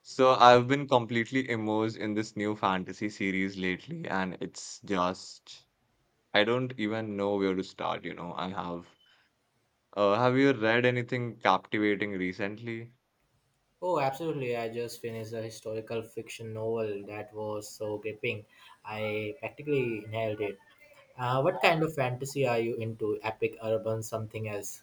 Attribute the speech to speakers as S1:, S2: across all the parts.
S1: So I've been completely immersed in this new fantasy series lately, and it's just I don't even know where to start, you know. I have Have you read anything captivating recently?
S2: Oh, absolutely. I just finished a historical fiction novel that was so gripping. I practically inhaled it. What kind of fantasy are you into? Epic, urban, something else?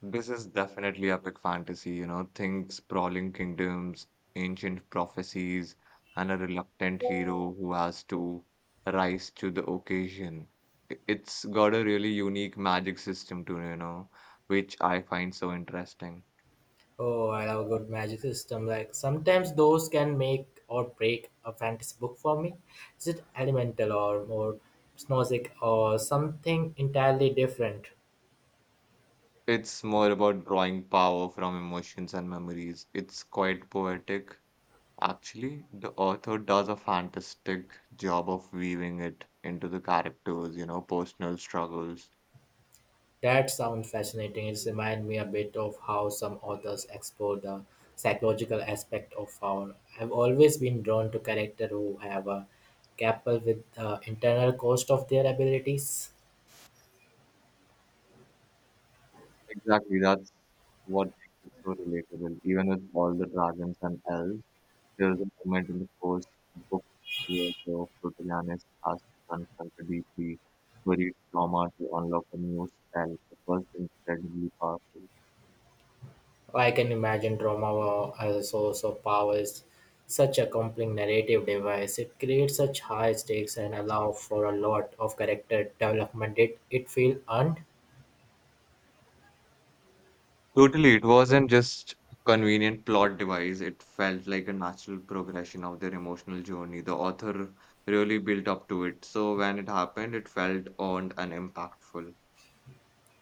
S1: This is definitely epic fantasy, you know. Think sprawling kingdoms, ancient prophecies, and a reluctant hero who has to rise to the occasion. It's got a really unique magic system to, you know, which I find so interesting.
S2: Oh, I love a good magic system. Like sometimes those can make or break a fantasy book for me. Is it elemental or more snowsick or something entirely different?
S1: It's more about drawing power from emotions and memories. It's quite poetic. Actually, the author does a fantastic job of weaving it into the characters, you know, personal struggles.
S2: That sounds fascinating. It reminds me a bit of how some authors explore the psychological aspect of power. I've always been drawn to characters who have a grapple with the internal cost of their abilities.
S1: Exactly, that's what makes it so relatable. Even with all the dragons and elves, there's a moment in the first book where the protagonist has to confront a deeply buried trauma to unlock a new spell. It was incredibly powerful.
S2: I can imagine as a source of power is such a compelling narrative device. It creates such high stakes and
S1: I see.
S2: allow for a lot of character development. Did it feel earned?
S1: Totally, it wasn't just convenient plot device. It felt like a natural progression of their emotional journey. The author really built up to it. So when it happened, it felt earned and impactful.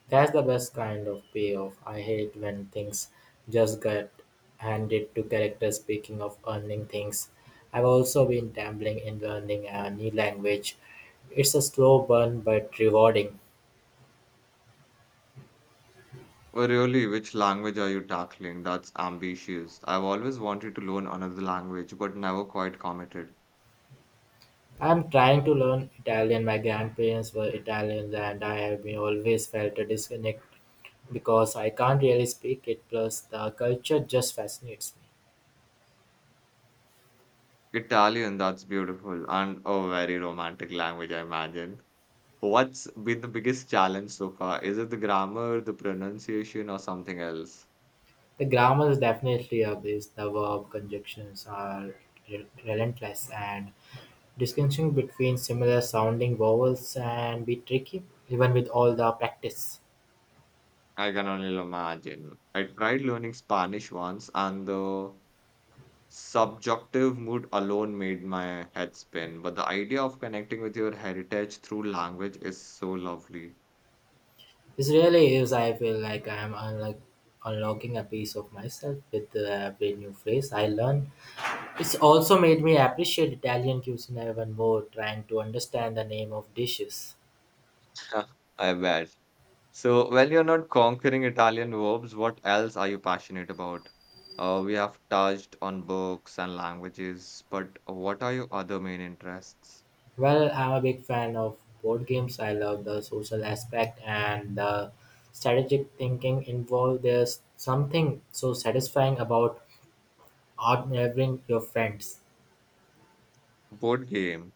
S2: That's the best kind of payoff. I hate when things just get handed to characters. Speaking of learning things, I've also been dabbling in learning a new language. It's a slow burn but rewarding.
S1: Well, really, which language are you tackling? That's ambitious. I've always wanted to learn another language, but never quite committed.
S2: I'm trying to learn Italian. My grandparents were Italians, and I have been always felt a disconnect because I can't really speak it. Plus, the culture just fascinates me.
S1: Italian, that's beautiful, and a very romantic language, I imagine. What's been the biggest challenge so far? Is it the grammar, the pronunciation, or something else?
S2: The grammar is definitely a beast. The verb conjunctions are relentless, and distinguishing between similar-sounding vowels can be tricky, even with all the practice.
S1: I can only imagine. I tried learning Spanish once, and the subjunctive mood alone made my head spin. But the idea of connecting with your heritage through language is so lovely.
S2: This really is. I feel like I am unlocking a piece of myself with every new phrase I learn. It's also made me appreciate Italian cuisine even more, trying to understand the name of dishes.
S1: I bet. So, when you're not conquering Italian verbs, what else are you passionate about? We have touched on books and languages, but what are your other main interests?
S2: Well, I'm a big fan of board games. I love the social aspect and the strategic thinking involved. There's something so satisfying about outmaneuvering your friends.
S1: Board game.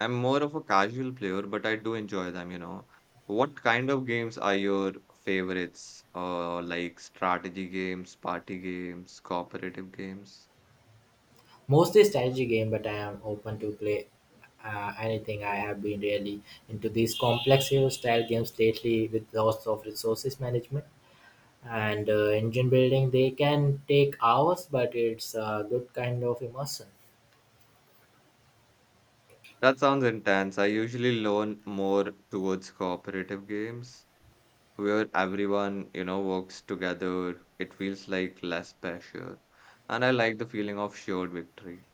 S1: I'm more of a casual player, but I do enjoy them, you know. What kind of games are your favorites? Like strategy games, party games, cooperative games?
S2: Mostly strategy game, but I am open to play anything. I have been really into these complex hero style games lately with lots of resources management and engine building. They can take hours, but it's a good kind of immersion.
S1: That sounds intense. I usually lean more towards cooperative games where everyone, you know, works together. It feels like less pressure. And I like the feeling of shared victory.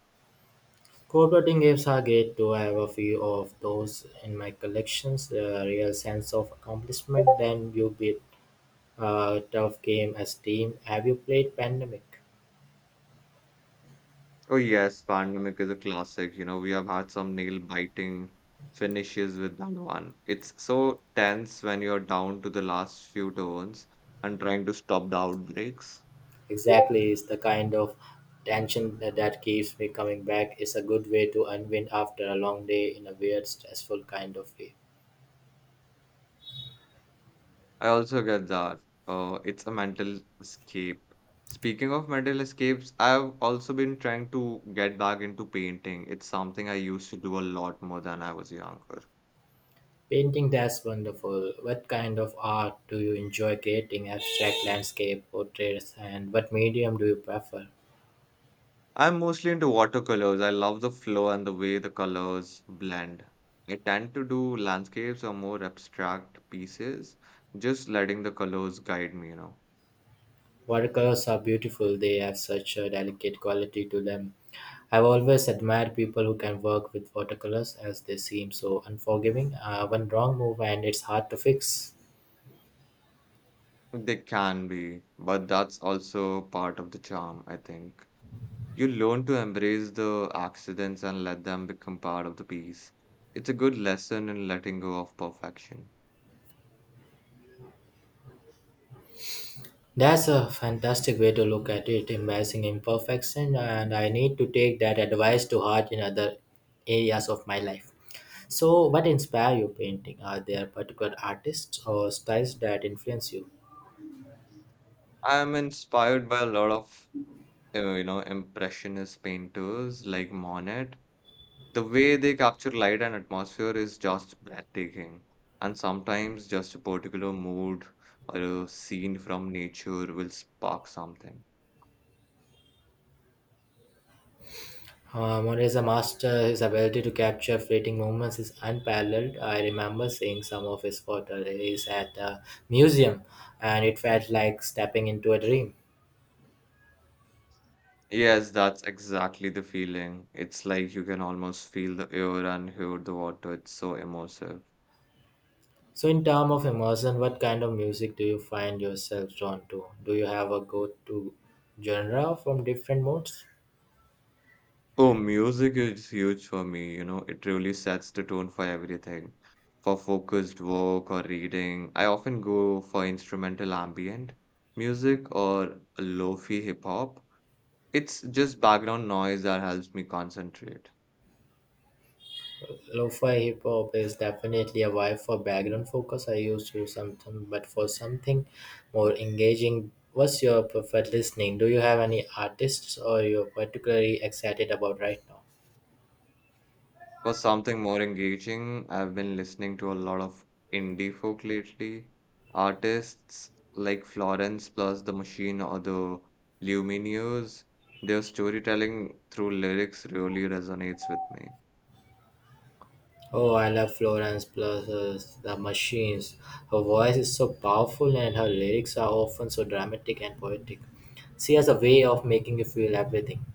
S2: Cooperating games are great too. I have a few of those in my collections. The real sense of accomplishment when you beat a tough game as team. Have you played Pandemic?
S1: Oh yes, Pandemic is a classic. You know, we have had some nail-biting finishes with that one. It's so tense when you're down to the last few turns and trying to stop the outbreaks.
S2: Exactly, it's the kind of tension that keeps me coming back. It's a good way to unwind after a long day in a weird, stressful kind of way.
S1: I also get that. It's a mental escape. Speaking of mental escapes, I've also been trying to get back into painting. It's something I used to do a lot more than I was younger.
S2: Painting, that's wonderful. What kind of art do you enjoy creating? Abstract landscape, portraits, and what medium do you prefer?
S1: I'm mostly into watercolors. I love the flow and the way the colors blend. I tend to do landscapes or more abstract pieces, just letting the colors guide me, you know.
S2: Watercolors are beautiful, they have such a delicate quality to them. I've always admired people who can work with watercolors as they seem so unforgiving. One wrong move and it's hard to fix.
S1: They can be, but that's also part of the charm, I think. You learn to embrace the accidents and let them become part of the piece. It's a good lesson in letting go of perfection.
S2: That's a fantastic way to look at it, embracing imperfection, and I need to take that advice to heart in other areas of my life. So, what inspire you painting? Are there particular artists or styles that influence you?
S1: I'm inspired by a lot of, you know, impressionist painters like Monet. The way they capture light and atmosphere is just breathtaking. And sometimes just a particular mood or a scene from nature will spark something.
S2: Mona master, his ability to capture fleeting moments is unparalleled. I remember seeing some of his photos at a museum, and it felt like stepping into a dream.
S1: Yes, that's exactly the feeling. It's like you can almost feel the air and hear the water. It's so immersive.
S2: So, in terms of immersion, what kind of music do you find yourself drawn to? Do you have a go-to genre from different modes?
S1: Oh, music is huge for me, you know, it really sets the tone for everything. For focused work or reading, I often go for instrumental ambient music or lo-fi hip hop. It's just background noise that helps me concentrate.
S2: Lo-fi hip hop is definitely a vibe for background focus. I used to something, but for something more engaging, what's your preferred listening? Do you have any artists or you're particularly excited about right now?
S1: For something more engaging, I've been listening to a lot of indie folk lately. Artists like Florence plus The Machine or The Lumineers, their storytelling through lyrics really resonates with me.
S2: Oh, I love Florence Plus the Machines. Her voice is so powerful and her lyrics are often so dramatic and poetic. She has a way of making you feel everything.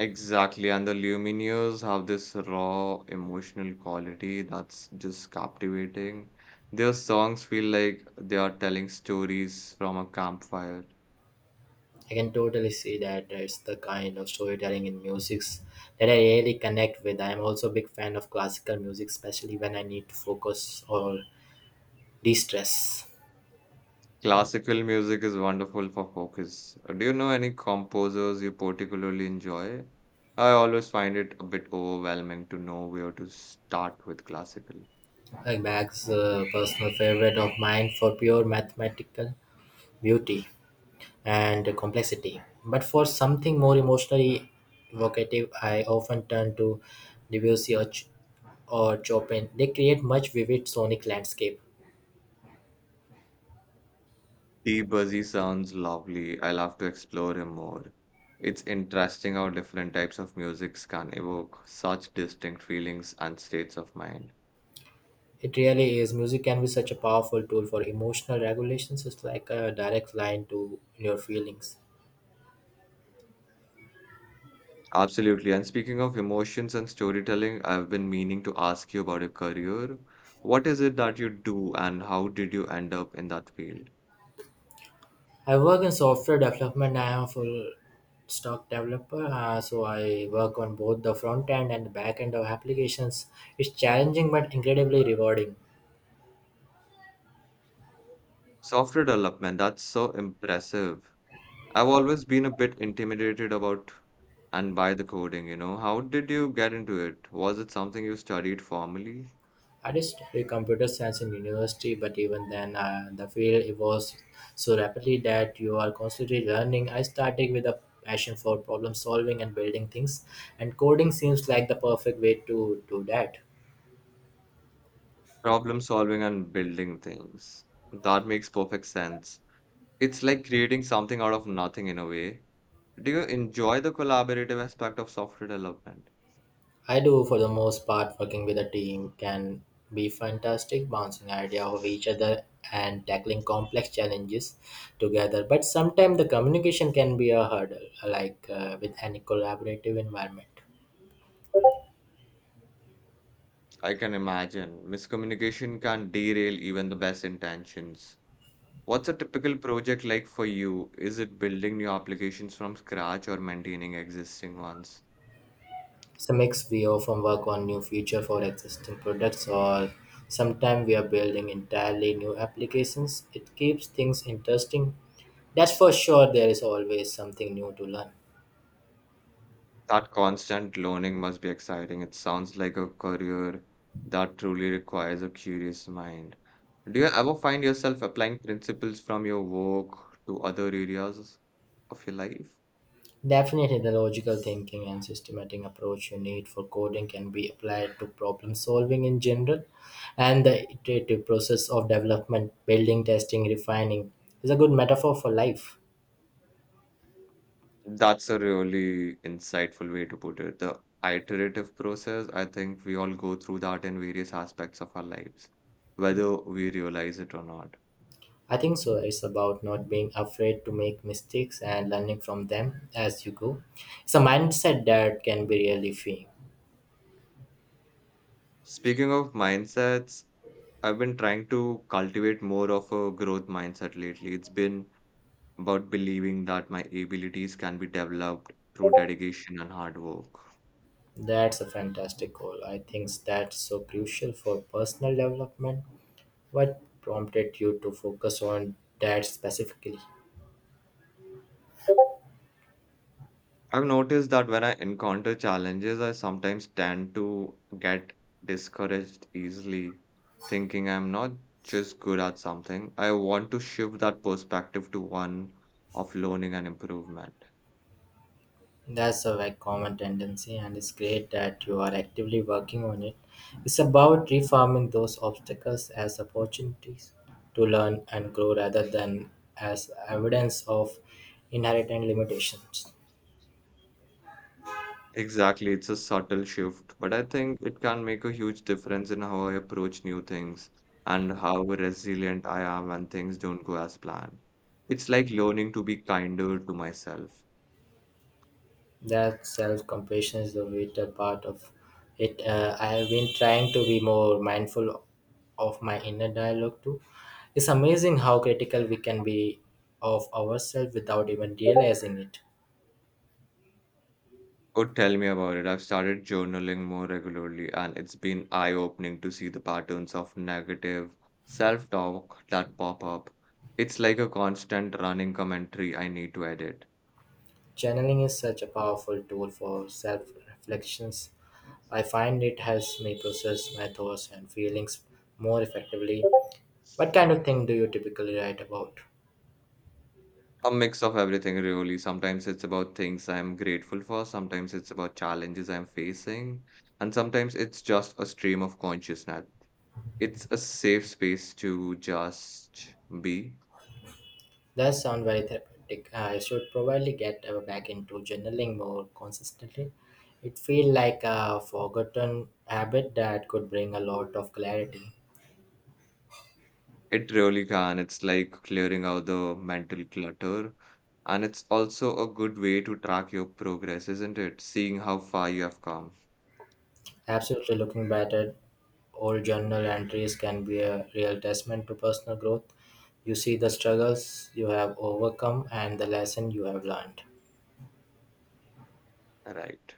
S1: Exactly, and The Lumineers have this raw emotional quality that's just captivating. Their songs feel like they are telling stories from a campfire.
S2: I can totally see that it's the kind of storytelling in music that I really connect with. I am also a big fan of classical music, especially when I need to focus or de-stress.
S1: Classical music is wonderful for focus. Do you know any composers you particularly enjoy? I always find it a bit overwhelming to know where to start with classical.
S2: Like Bach's personal favorite of mine for pure mathematical beauty and complexity. But for something more emotionally evocative, I often turn to Debussy or Chopin. They create much vivid sonic landscape.
S1: The Buzzy sounds lovely. I'll have to explore him more. It's interesting how different types of musics can evoke such distinct feelings and states of mind.
S2: It really is. Music can be such a powerful tool for emotional regulations. It's like a direct line to your feelings.
S1: Absolutely. And speaking of emotions and storytelling, I've been meaning to ask you about your career. What is it that you do, and how did you end up in that field?
S2: I work in software development. I am a full stack developer, so I work on both the front end and the back end of applications. It's challenging but incredibly rewarding.
S1: Software development, that's so impressive. I've always been a bit intimidated about and by the coding, you know. How did you get into it? Was it something you studied formally?
S2: I did study computer science in university, but even then, the field evolves so rapidly that you are constantly learning. I started with a passion for problem solving and building things, and coding seems like the perfect way to do that.
S1: Problem solving and building things. That makes perfect sense. It's like creating something out of nothing in a way. Do you enjoy the collaborative aspect of software development?
S2: I do, for the most part, working with a team can be fantastic, bouncing ideas off each other and tackling complex challenges together. But sometimes the communication can be a hurdle, like with any collaborative environment.
S1: I can imagine miscommunication can derail even the best intentions. What's a typical project like for you? Is it building new applications from scratch or maintaining existing ones?
S2: Some mix we often work on new feature for existing products or sometimes we are building entirely new applications. It keeps things interesting. That's for sure there is always something new to learn.
S1: That constant learning must be exciting. It sounds like a career that truly requires a curious mind. Do you ever find yourself applying principles from your work to other areas of your life?
S2: Definitely the logical thinking and systematic approach you need for coding can be applied to problem solving in general and the iterative process of development, building, testing, refining is a good metaphor for life.
S1: That's a really insightful way to put it. The iterative process, I think we all go through that in various aspects of our lives, whether we realize it or not.
S2: I think so. It's about not being afraid to make mistakes and learning from them as you go. It's a mindset that can be really freeing.
S1: Speaking of mindsets, I've been trying to cultivate more of a growth mindset lately. It's been about believing that my abilities can be developed through dedication and hard work.
S2: That's a fantastic goal. I think that's so crucial for personal development. What prompted you to focus on that specifically?
S1: I've noticed that when I encounter challenges, I sometimes tend to get discouraged easily, thinking I'm not just good at something. I want to shift that perspective to one of learning and improvement.
S2: That's a very common tendency, and it's great that you are actively working on it. It's about reforming those obstacles as opportunities to learn and grow rather than as evidence of inherent limitations.
S1: Exactly, it's a subtle shift, but I think it can make a huge difference in how I approach new things and how resilient I am when things don't go as planned. It's like learning to be kinder to myself.
S2: That self compassion is the vital part of it. I have been trying to be more mindful of my inner dialogue too. It's amazing how critical we can be of ourselves without even realizing it.
S1: Oh, tell me about it. I've started journaling more regularly, and it's been eye-opening to see the patterns of negative self-talk that pop up. It's like a constant running commentary I need to edit.
S2: Channeling is such a powerful tool for self reflections. I find it helps me process my thoughts and feelings more effectively. What kind of thing do you typically write about?
S1: A mix of everything, really. Sometimes it's about things I'm grateful for, sometimes it's about challenges I'm facing, and sometimes it's just a stream of consciousness. It's a safe space to just be.
S2: That sounds very therapeutic. I should probably get back into journaling more consistently. It feels like a forgotten habit that could bring a lot of clarity.
S1: It really can. It's like clearing out the mental clutter. And it's also a good way to track your progress, isn't it? Seeing how far you have come.
S2: Absolutely, looking back at old journal entries can be a real testament to personal growth. You see the struggles you have overcome and the lesson you have learned.
S1: Right.